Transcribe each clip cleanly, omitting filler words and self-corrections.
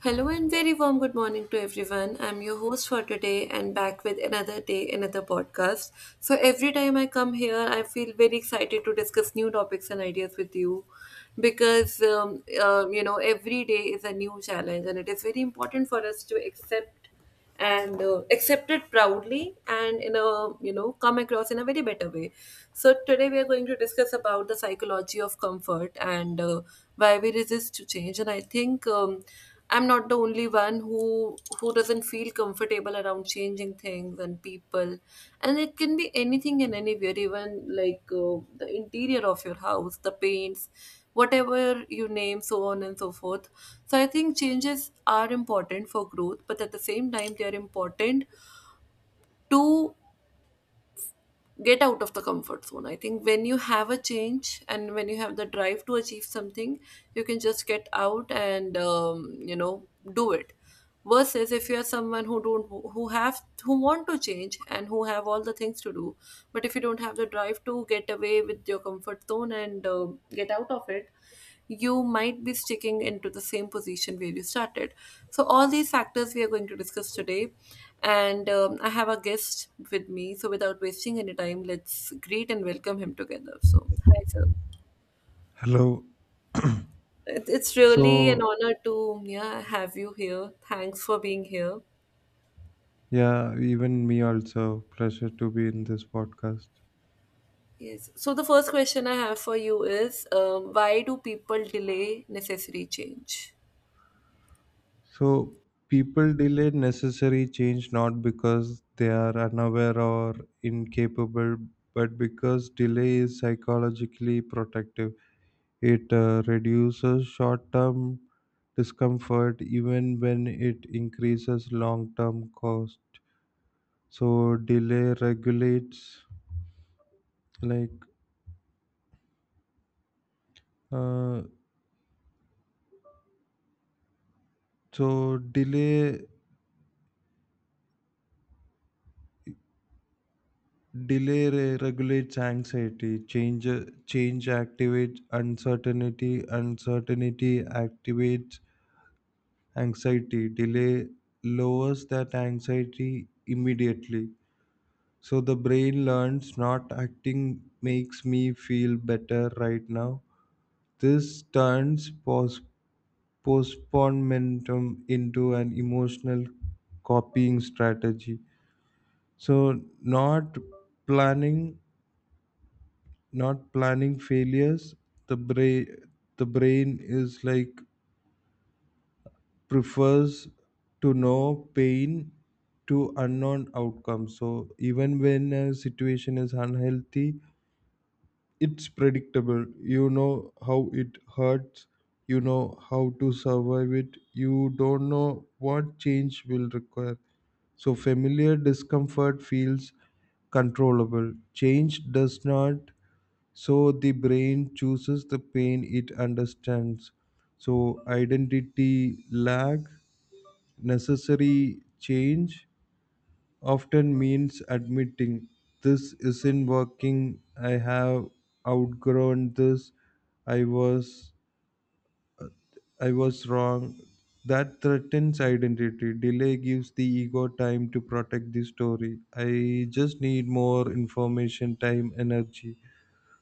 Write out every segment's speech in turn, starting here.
Hello and very warm good morning to everyone. I'm your host for today and back with another day, another podcast. So every time I come here, I feel very excited to discuss new topics and ideas with you because every day is a new challenge and it is very important for us to accept and accept it proudly and in a come across in a very better way. So today we are going to discuss about the psychology of comfort and why we resist to change. And I think I'm not the only one who doesn't feel comfortable around changing things and people, and it can be anything and anywhere, even like the interior of your house, the paints, whatever you name, so on and so forth. So I think changes are important for growth, but at the same time, they are important to get out of the comfort zone. I think when you have a change and when you have the drive to achieve something, you can just get out and do it. Versus if you are someone who don't, who want to change and who have all the things to do, but if you don't have the drive to get away with your comfort zone and get out of it, you might be sticking into the same position where you started. So, all these factors we are going to discuss today. And I have a guest with me. So, without wasting any time, let's greet and welcome him together. So, hi, sir. Hello. It's really an So, honor to, yeah, have you here. Thanks for being here. yeah, even me also, pleasure to be in this podcast. Yes. So, the first question I have for you is why do people delay necessary change? So, people delay necessary change not because they are unaware or incapable, but because delay is psychologically protective. It reduces short term discomfort even when it increases long term cost. So, delay regulates like uh, so delay Delay regulates anxiety. Change activates uncertainty. Uncertainty activates anxiety. Delay lowers that anxiety immediately. So the brain learns not acting makes me feel better right now. This turns postponementum into an emotional copying strategy. So planning not planning failures the brain the brain is like prefers to know pain to unknown outcomes, so even when a situation is unhealthy, it's predictable. You know how it hurts, you know how to survive it, you don't know what change will require, so familiar discomfort feels controllable, change does not, so the brain chooses the pain it understands. So identity lag, necessary change often means admitting this isn't working. I have outgrown this. I was I was wrong. That threatens identity. Delay gives the ego time to protect the story. I just need more information, time, energy.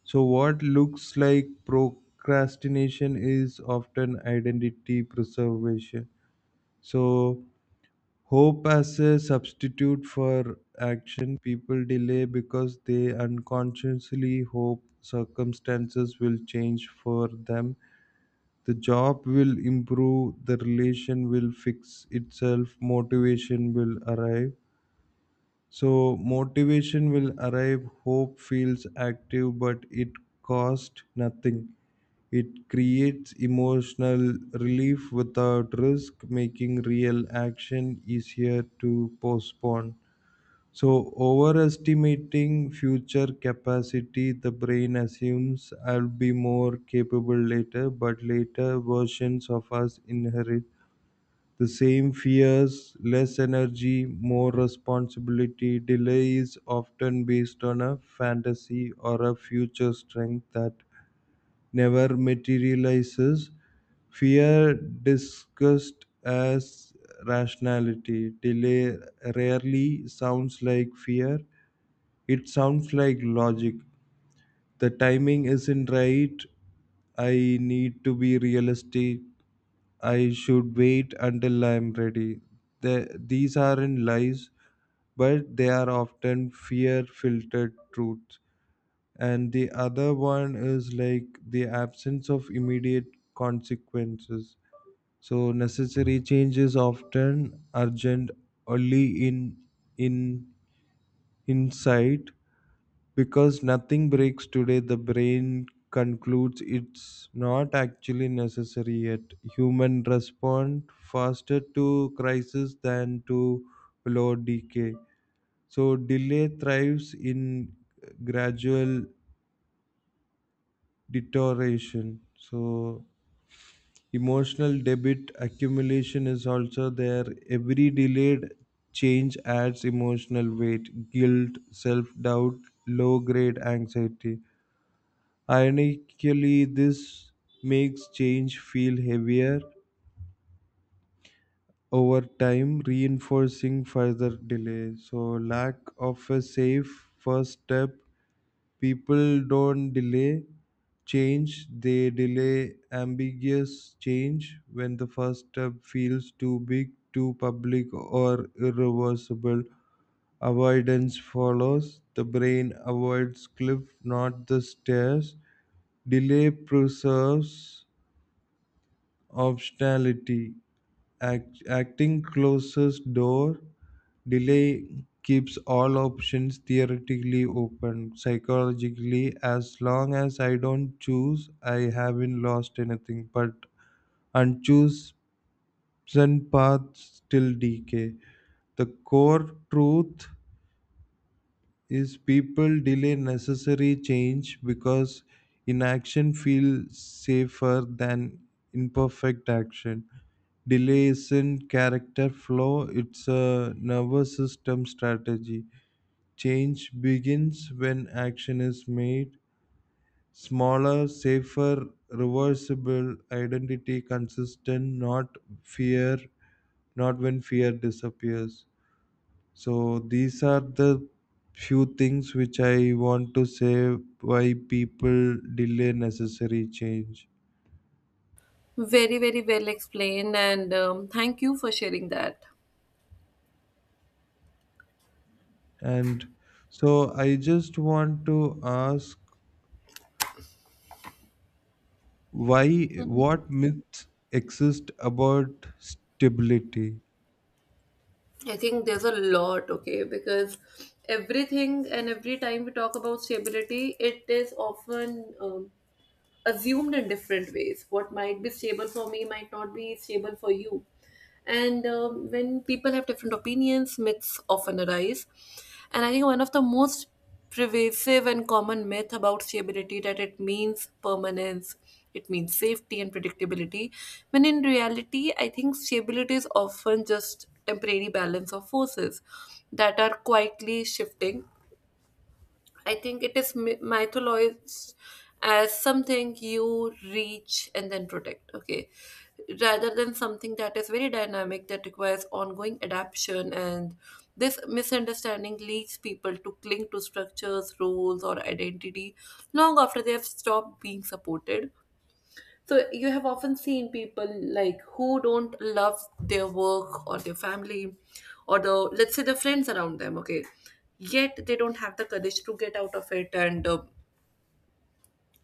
So, what looks like procrastination is often identity preservation. So, hope as a substitute for action, people delay because they unconsciously hope circumstances will change for them. The job will improve, the relation will fix itself, motivation will arrive. So, motivation will arrive, hope feels active, but it cost nothing, it creates emotional relief without risk, making real action easier to postpone. So, overestimating future capacity, the brain assumes I'll be more capable later, but later versions of us inherit the same fears, less energy, more responsibility. Delay is often based on a fantasy or a future strength that never materializes, fear discussed as rationality. Delay rarely sounds like fear, it sounds like logic. The timing isn't right, I need to be realistic, I should wait until I'm ready. These aren't lies, but they are often fear filtered truth, and the other one is like the absence of immediate consequences, so necessary change is often urgent only in in insight, because nothing breaks today, the brain concludes it's not actually necessary yet. Human respond faster to crisis than to low decay, so delay thrives in gradual deterioration. So emotional debit accumulation is also there. Every delayed change adds emotional weight, guilt, self-doubt, low-grade anxiety. Ironically, this makes change feel heavier over time, reinforcing further delay. So lack of a safe first step, people don't delay change, they delay ambiguous change when the first step feels too big, too public, or irreversible. Avoidance follows, the brain avoids cliff not the stairs. Delay preserves optionality. Acting closes door. Delay keeps all options theoretically open. Psychologically, as long as I don't choose, I haven't lost anything. But unchosen paths still decay. The core truth is people delay necessary change because inaction feels safer than imperfect action, delays in character flow. It's a nervous system strategy. Change begins when action is made. Smaller, safer, reversible identity, consistent, not fear, not when fear disappears. So, these are the few things which I want to say why people delay necessary change. Very, very well explained, and thank you for sharing that. And so, I just want to ask why, what myths exist about stability. I think there's a lot, okay, because everything and every time we talk about stability, it is often assumed in different ways. What might be stable for me might not be stable for you. And when people have different opinions, myths often arise. And I think one of the most pervasive and common myth about stability that it means permanence, it means safety and predictability. When in reality, I think stability is often just temporary balance of forces that are quietly shifting. I think it is mythologized as something you reach and then protect. Okay, rather than something that is very dynamic that requires ongoing adaptation, and this misunderstanding leads people to cling to structures, roles, or identity long after they have stopped being supported. So you have often seen people, like, who don't love their work or their family or the, let's say, the friends around them, okay, yet they don't have the courage to get out of it and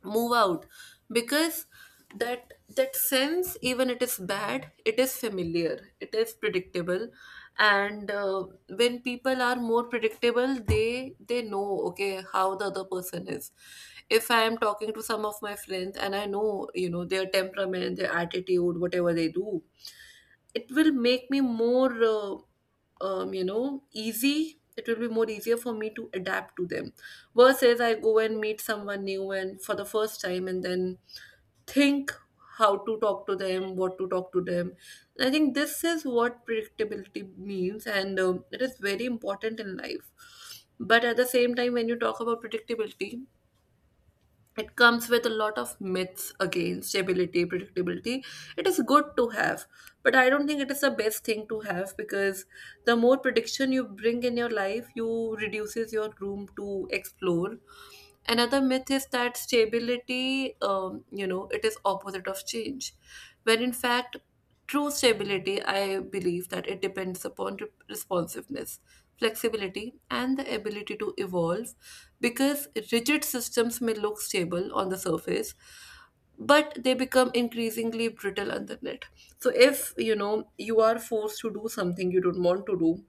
move out, because that sense, even it is bad, it is familiar, it is predictable. And when people are more predictable, they know, okay, how the other person is. If I am talking to some of my friends and I know, their temperament, their attitude, whatever they do, it will make me more easy. It will be more easier for me to adapt to them, versus I go and meet someone new and for the first time, and then think how to talk to them, what to talk to them. I think this is what predictability means, and it is very important in life. But at the same time, when you talk about predictability, it comes with a lot of myths. Again, stability, predictability, it is good to have, but I don't think it is the best thing to have, because the more prediction you bring in your life, you reduces your room to explore. Another myth is that stability, it is opposite of change, when in fact, true stability, I believe that it depends upon responsiveness, flexibility, and the ability to evolve, because rigid systems may look stable on the surface, but they become increasingly brittle underneath. So if you know you are forced to do something you don't want to do,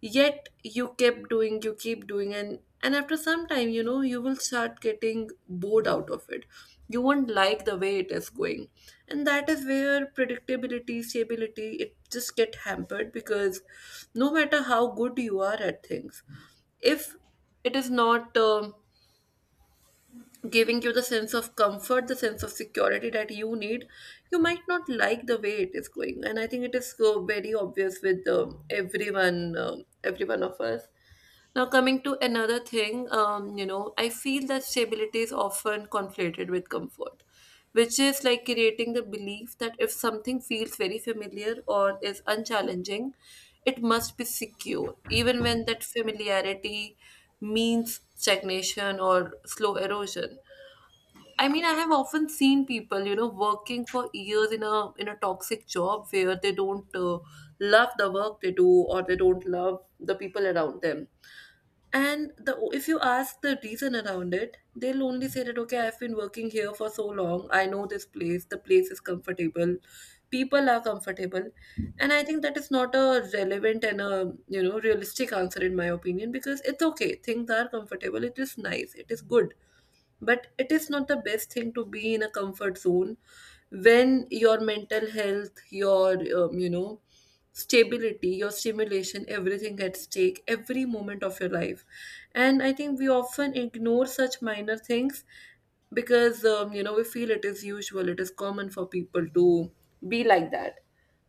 yet you kept doing you keep doing, and after some time, you will start getting bored out of it. You won't like the way it is going, and that is where predictability, stability, it just get hampered, because no matter how good you are at things, if it is not giving you the sense of comfort, the sense of security that you need, you might not like the way it is going. And I think it is so very obvious with everyone, every one of us. Now, coming to another thing, I feel that stability is often conflated with comfort, which is like creating the belief that if something feels very familiar or is unchallenging, it must be secure, even when that familiarity means stagnation or slow erosion. I mean, I have often seen people, working for years in a toxic job where they don't love the work they do, or they don't love the people around them. And the, if you ask the reason around it, they'll only say that, okay, I've been working here for so long. I know this place. The place is comfortable. People are comfortable. And I think that is not a relevant and a, realistic answer in my opinion, because it's okay. Things are comfortable. It is nice. It is good, but it is not the best thing to be in a comfort zone when your mental health, your um, you know stability, your stimulation, everything at stake every moment of your life. And I think we often ignore such minor things because we feel it is usual, it is common for people to be like that.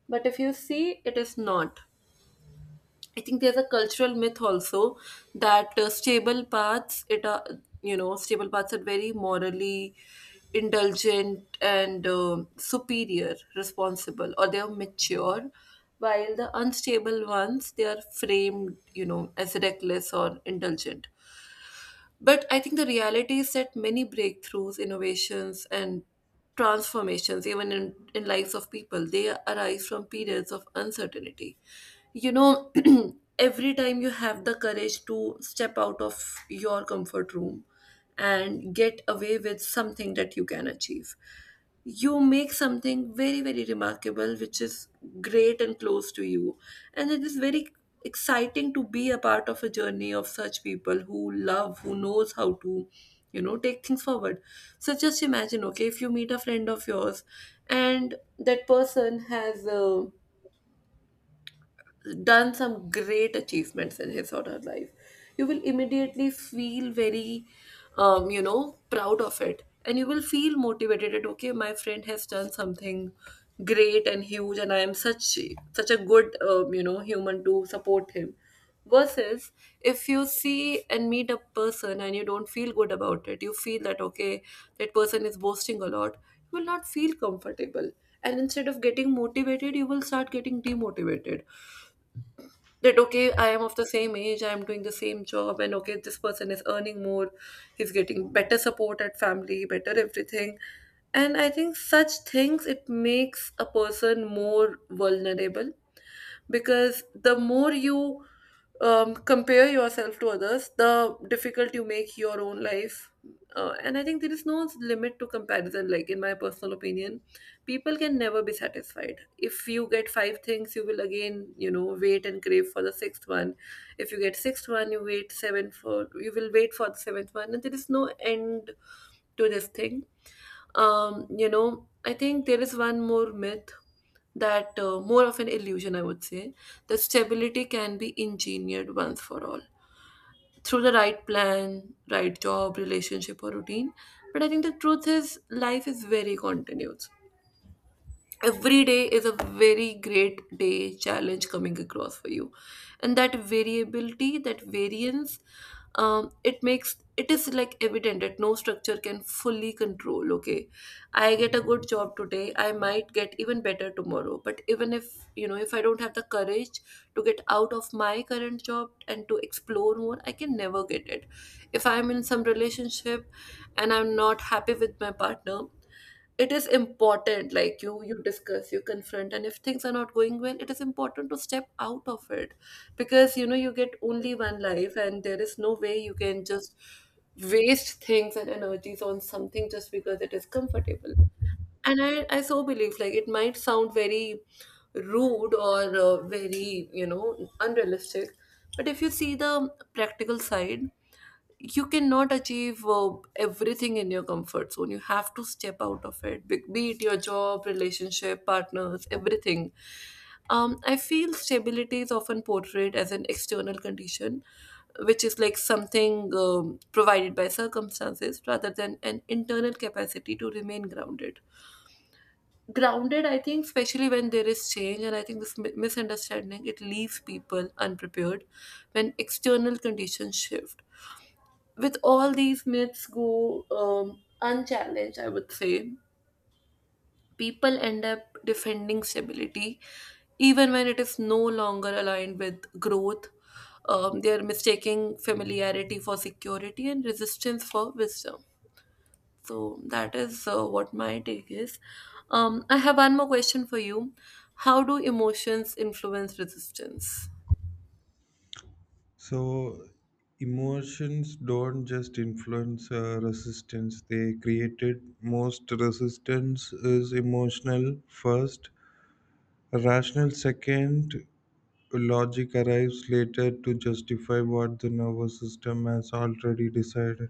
But if you see, it is not. I think there's a cultural myth also that stable paths, it are, stable paths are very morally indulgent and superior, responsible, or they are mature, while the unstable ones, they are framed, you know, as reckless or indulgent. But I think the reality is that many breakthroughs, innovations, and transformations, even in lives of people, they arise from periods of uncertainty you know every time you have the courage to step out of your comfort room and get away with something that you can achieve, you make something very, very remarkable, which is great and close to you. And it is very exciting to be a part of a journey of such people who love, who knows how to, take things forward. So just imagine, okay, if you meet a friend of yours and that person has done some great achievements in his or her life, you will immediately feel very proud of it, and you will feel motivated that, okay, my friend has done something great and huge, and I am such a good human to support him. Versus if you see and meet a person and you don't feel good about it, you feel that, okay, that person is boasting a lot. You will not feel comfortable, and instead of getting motivated, you will start getting demotivated that, okay, I am of the same age, I am doing the same job, and okay, this person is earning more. He's getting better support at family, better everything. And I think such things, it makes a person more vulnerable, because the more you compare yourself to others, the difficult you make your own life. And I think there is no limit to comparison, like, in my personal opinion. People can never be satisfied. If you get five things, you will again, wait and crave for the sixth one. If you get sixth one, you will wait for the seventh one. And there is no end to this thing. I think there is one more myth that more of an illusion I would say, that stability can be engineered once for all through the right plan, right job, relationship, or routine. But I think the truth is life is very continuous. Every day is a very great day, challenge coming across for you. And that variability, that variance, it makes, it is like evident that no structure can fully control. Okay, I get a good job today, I might get even better tomorrow, but even if you know if I don't have the courage to get out of my current job and to explore more, I can never get it. If I'm in some relationship and I'm not happy with my partner, it is important, like you discuss, you confront, and if things are not going well, it is important to step out of it. Because you know, you get only one life and there is no way you can just waste things and energies on something just because it is comfortable. And I so believe, like it might sound very rude or very unrealistic, but if you see the practical side, you cannot achieve everything in your comfort zone. You have to step out of it, be it your job, relationship, partners, everything. I feel stability is often portrayed as an external condition, which is like something provided by circumstances rather than an internal capacity to remain grounded. Grounded, I think, especially when there is change. And I think this misunderstanding, it leaves people unprepared when external conditions shift. With all these myths go unchallenged, I would say, people end up defending stability even when it is no longer aligned with growth. They are mistaking familiarity for security and resistance for wisdom. So that is what my take is. I have one more question for you. How do emotions influence resistance? So emotions don't just influence resistance, they created most resistance is emotional first, rational second. Logic arrives later to justify what the nervous system has already decided.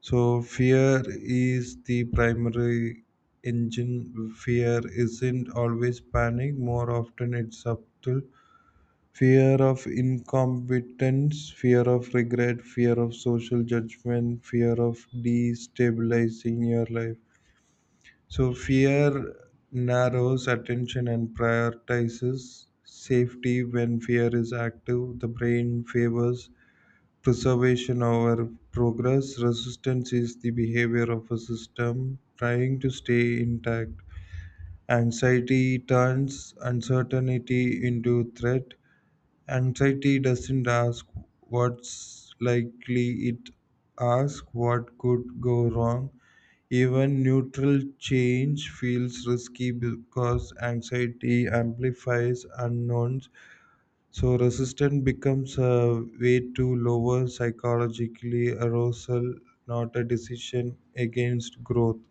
So fear is the primary engine. Fear isn't always panic. More often, it's subtle fear of incompetence, fear of regret, fear of social judgment, fear of destabilizing your life. So fear narrows attention and prioritizes safety. When fear is active, the brain favors preservation over progress. Resistance is the behavior of a system trying to stay intact. Anxiety turns uncertainty into threat. Anxiety doesn't ask what's likely, it asks what could go wrong. Even neutral change feels risky because anxiety amplifies unknowns, so resistance becomes a way to lower psychologically arousal, not a decision against growth.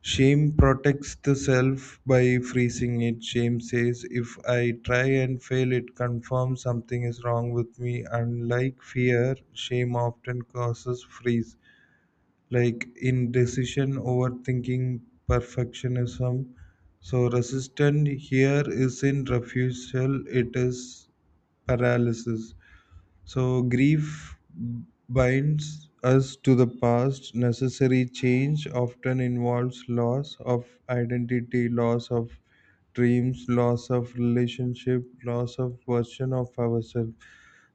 Shame protects the self by freezing it. Shame says, if I try and fail, it confirms something is wrong with me. Unlike fear, shame often causes freeze, like indecision, overthinking, perfectionism. So resistance here isn't refusal, it is paralysis. So grief binds us to the past. Necessary change often involves loss of identity, loss of dreams, loss of relationship, loss of version of ourselves.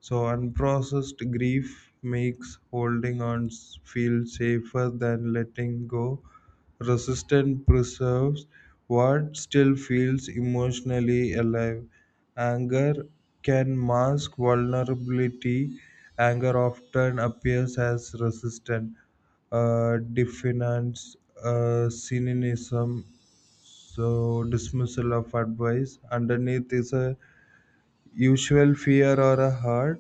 So unprocessed grief makes holding on feel safer than letting go. Resistance preserves what still feels emotionally alive. Anger can mask vulnerability. Anger often appears as resistance, defiance, cynicism, so dismissal of advice. Underneath is a usual fear or a hurt.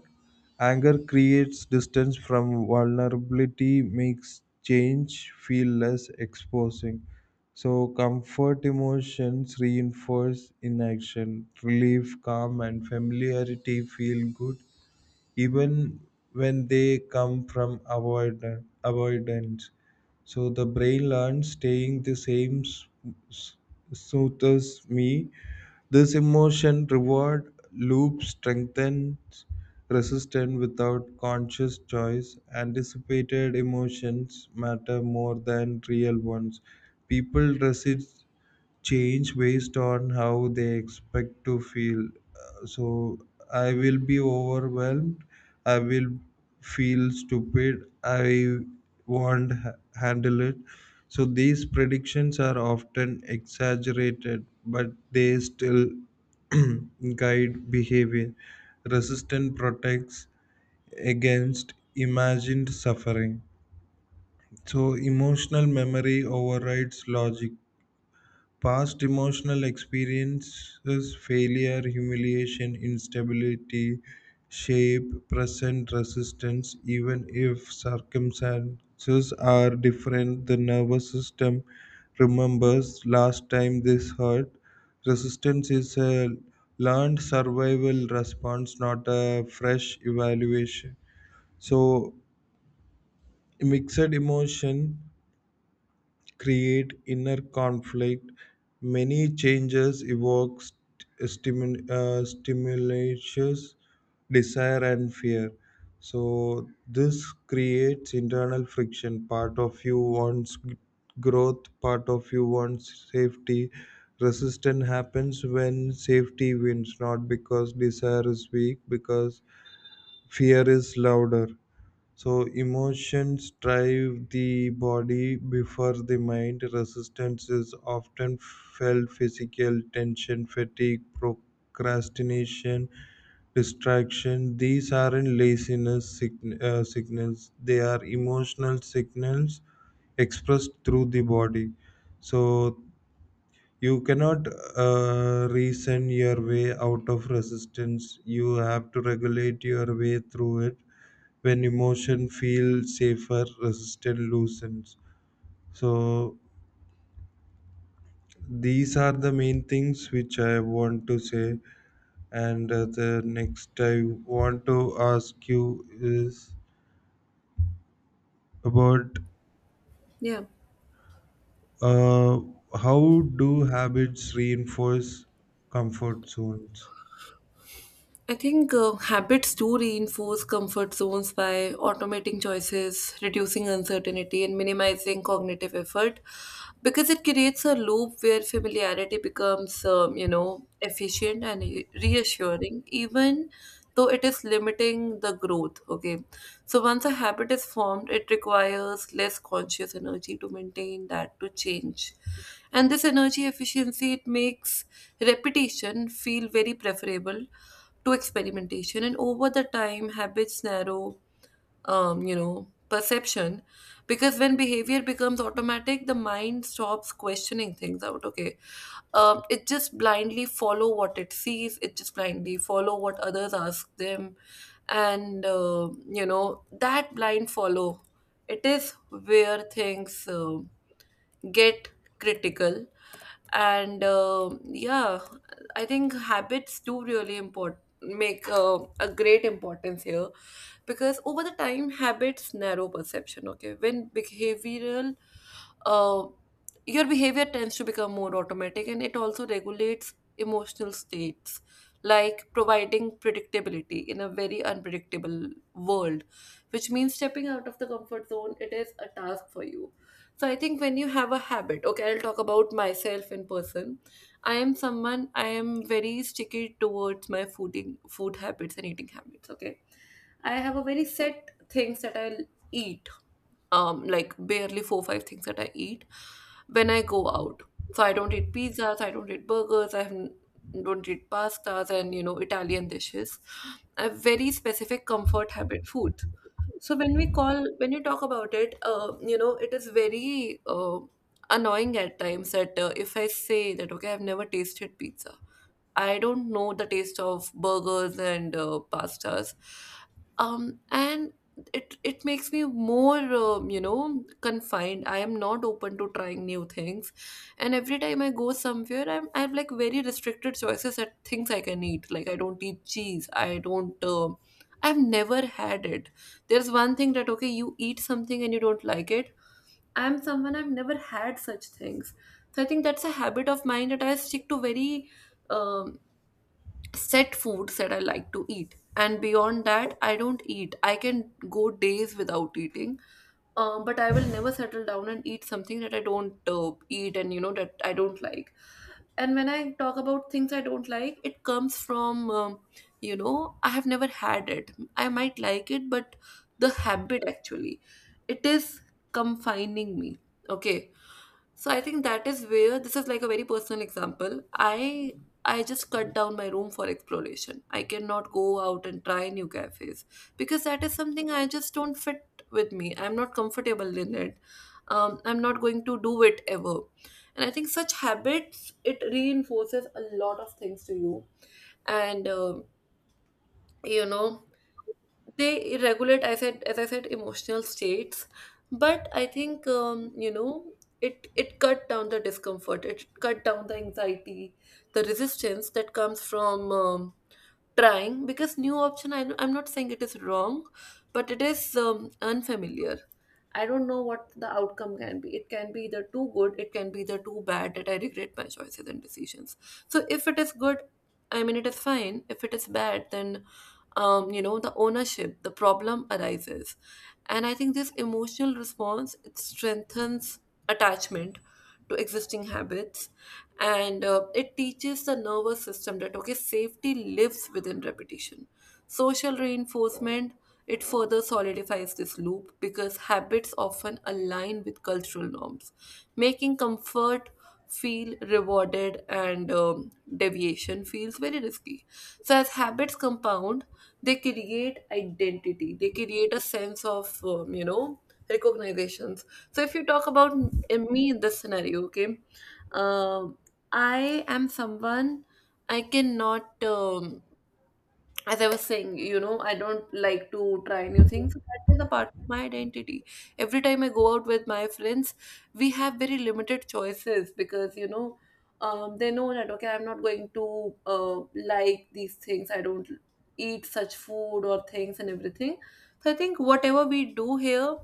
Anger creates distance from vulnerability, makes change feel less exposing. So, comfort emotions reinforce inaction, relief, calm, and familiarity feel good even when they come from avoidance. So, the brain learns staying the same s- soothes me. This emotion reward loop strengthens resistance without conscious choice. Anticipated emotions matter more than real ones. People resist change based on how they expect to feel. So I will be overwhelmed. I will feel stupid. I won't handle it. So these predictions are often exaggerated, but they still guide behavior. Resistance protects against imagined suffering. So emotional memory overrides logic. Past emotional experiences, failure, humiliation, instability, shape present resistance. Even if circumstances are different, the nervous system remembers last time this hurt. Resistance is a learned survival response, not a fresh evaluation. So, mixed emotion create inner conflict. Many changes evoke stimulatious desire and fear. So this creates internal friction. Part of you wants growth, part of you wants safety. Resistance happens when safety wins, not because desire is weak, because fear is louder. So emotions drive the body before the mind. Resistance is often felt physical tension, fatigue, procrastination, distraction. These aren't signals. They are emotional signals expressed through the body. So you cannot reason your way out of resistance. You have to regulate your way through it when emotion feels safer, resistance loosens. So these are the main things which I want to say, and the next I want to ask you is about Yeah. uh, how do habits reinforce comfort zones. I think habits do reinforce comfort zones by automating choices, reducing uncertainty, and minimizing cognitive effort, because it creates a loop where familiarity becomes, you know, efficient and reassuring, even though it is limiting the growth. Okay. So once a habit is formed, it requires less conscious energy to maintain that, to change. And this energy efficiency, it makes repetition feel very preferable to experimentation. And over the time, habits narrow, you know, perception, because when behavior becomes automatic, the mind stops questioning things out. Okay, it just blindly follow what it sees, it just blindly follow what others ask them. And you know, that blind follow, it is where things get critical. And yeah, I think habits do really import, make a great importance here, because over the time habits narrow perception. Okay, when behavioral uh, your behavior tends to become more automatic, and it also regulates emotional states, like providing predictability in a very unpredictable world, which means stepping out of the comfort zone, it is a task for you. So I think when you have a habit, okay, I'll talk about myself in person. I am someone, I am very sticky towards my food habits and eating habits, okay? I have a very set things that I'll eat. Um, like barely four five things that I eat when I go out. So I don't eat pizzas, I don't eat burgers, I don't eat pastas, and you know, Italian dishes. I have very specific comfort habit food. So when we call, when you talk about it, you know, it is very annoying at times that if I say that, okay, I've never tasted pizza, I don't know the taste of burgers and pastas. And it makes me more, you know, confined. I am not open to trying new things, and every time I go somewhere, I have like very restricted choices at things I can eat. Like I don't eat cheese. I don't. Um, I've never had it. There's one thing that, okay, you eat something and you don't like it. I'm someone I've never had such things. So I think that's a habit of mine, that I stick to very um, set foods that I like to eat. And beyond that, I don't eat. I can go days without eating, but I will never settle down and eat something that I don't eat and you know that I don't like. And when I talk about things I don't like, it comes from, you know, I have never had it. I might like it, but the habit actually, it is confining me. Okay, so I think that is where, this is like a very personal example. I just cut down my room for exploration. I cannot go out and try new cafes because that is something I just don't fit with me. I'm not comfortable in it. I'm not going to do it ever. And I think such habits, it reinforces a lot of things to you. And you know they regulate, I said, as I said, emotional states. But I think, you know, it cut down the discomfort, it cut down the anxiety, the resistance that comes from trying. Because new option, I'm not saying it is wrong, but it is unfamiliar. I don't know what the outcome can be. It can be either too good, it can be either too bad that I regret my choices and decisions. So if it is good, I mean, it is fine. If it is bad, then, you know, the ownership, the problem arises. And I think this emotional response, it strengthens attachment to existing habits, and it teaches the nervous system that, okay, safety lives within repetition. Social reinforcement, it further solidifies this loop, because habits often align with cultural norms, making comfort feel rewarded and deviation feels very risky. So, as habits compound, they create identity, they create a sense of, you know, recognitions. So, if you talk about me in this scenario, okay, um, I am someone I cannot. As I was saying, you know, I don't like to try new things. That is a part of my identity. Every time I go out with my friends, we have very limited choices because, you know, they know that, okay, I'm not going to like these things. I don't eat such food or things and everything. So I think whatever we do here,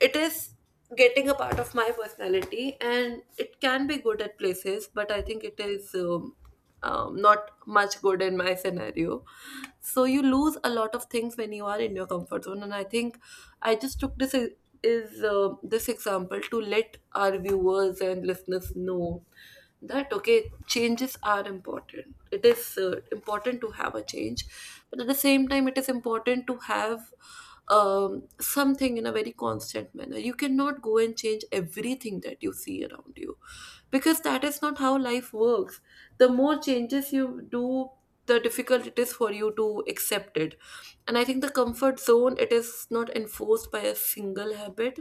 it is getting a part of my personality, and it can be good at places, but I think it is not much good in my scenario. So you lose a lot of things when you are in your comfort zone. And I think I just took this e- is this example to let our viewers and listeners know that, okay, changes are important, it is important to have a change, but at the same time it is important to have something in a very constant manner. You cannot go and change everything that you see around you, because that is not how life works. The more changes you do, the difficult it is for you to accept it. And I think the comfort zone, it is not enforced by a single habit,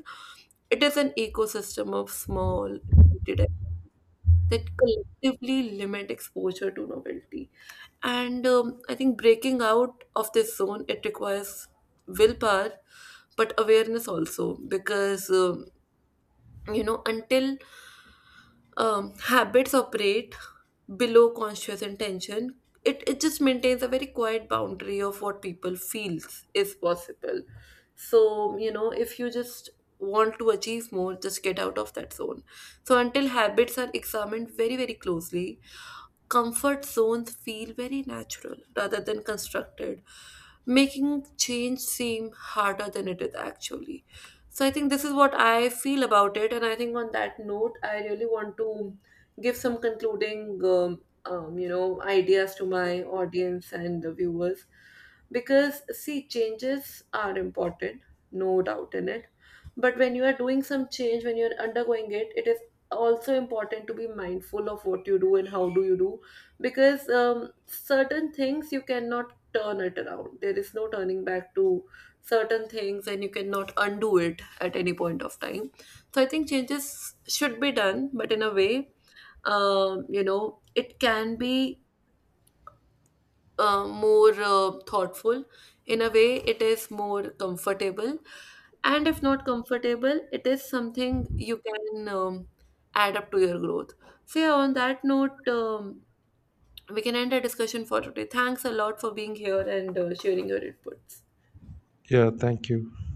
it is an ecosystem of small repeated that collectively limit exposure to novelty. And I think breaking out of this zone, it requires willpower, but awareness also. Because you know, until habits operate below conscious intention, it just maintains a very quiet boundary of what people feels is possible. So, you know, if you just want to achieve more, just get out of that zone. So until habits are examined very, very closely, comfort zones feel very natural rather than constructed, making change seem harder than it is actually. So I think this is what I feel about it, and I think on that note, I really want to give some concluding, you know, ideas to my audience and the viewers, because see, changes are important, no doubt in it. But when you are doing some change, when you are undergoing it, it is also important to be mindful of what you do and how do you do. Because certain things, you cannot turn it around, there is no turning back to certain things, and you cannot undo it at any point of time. So I think changes should be done, but in a way, you know, it can be more thoughtful, in a way it is more comfortable, and if not comfortable, it is something you can add up to your growth. So yeah, on that note, we can end our discussion for today. Thanks a lot for being here and sharing your inputs. Yeah, thank you.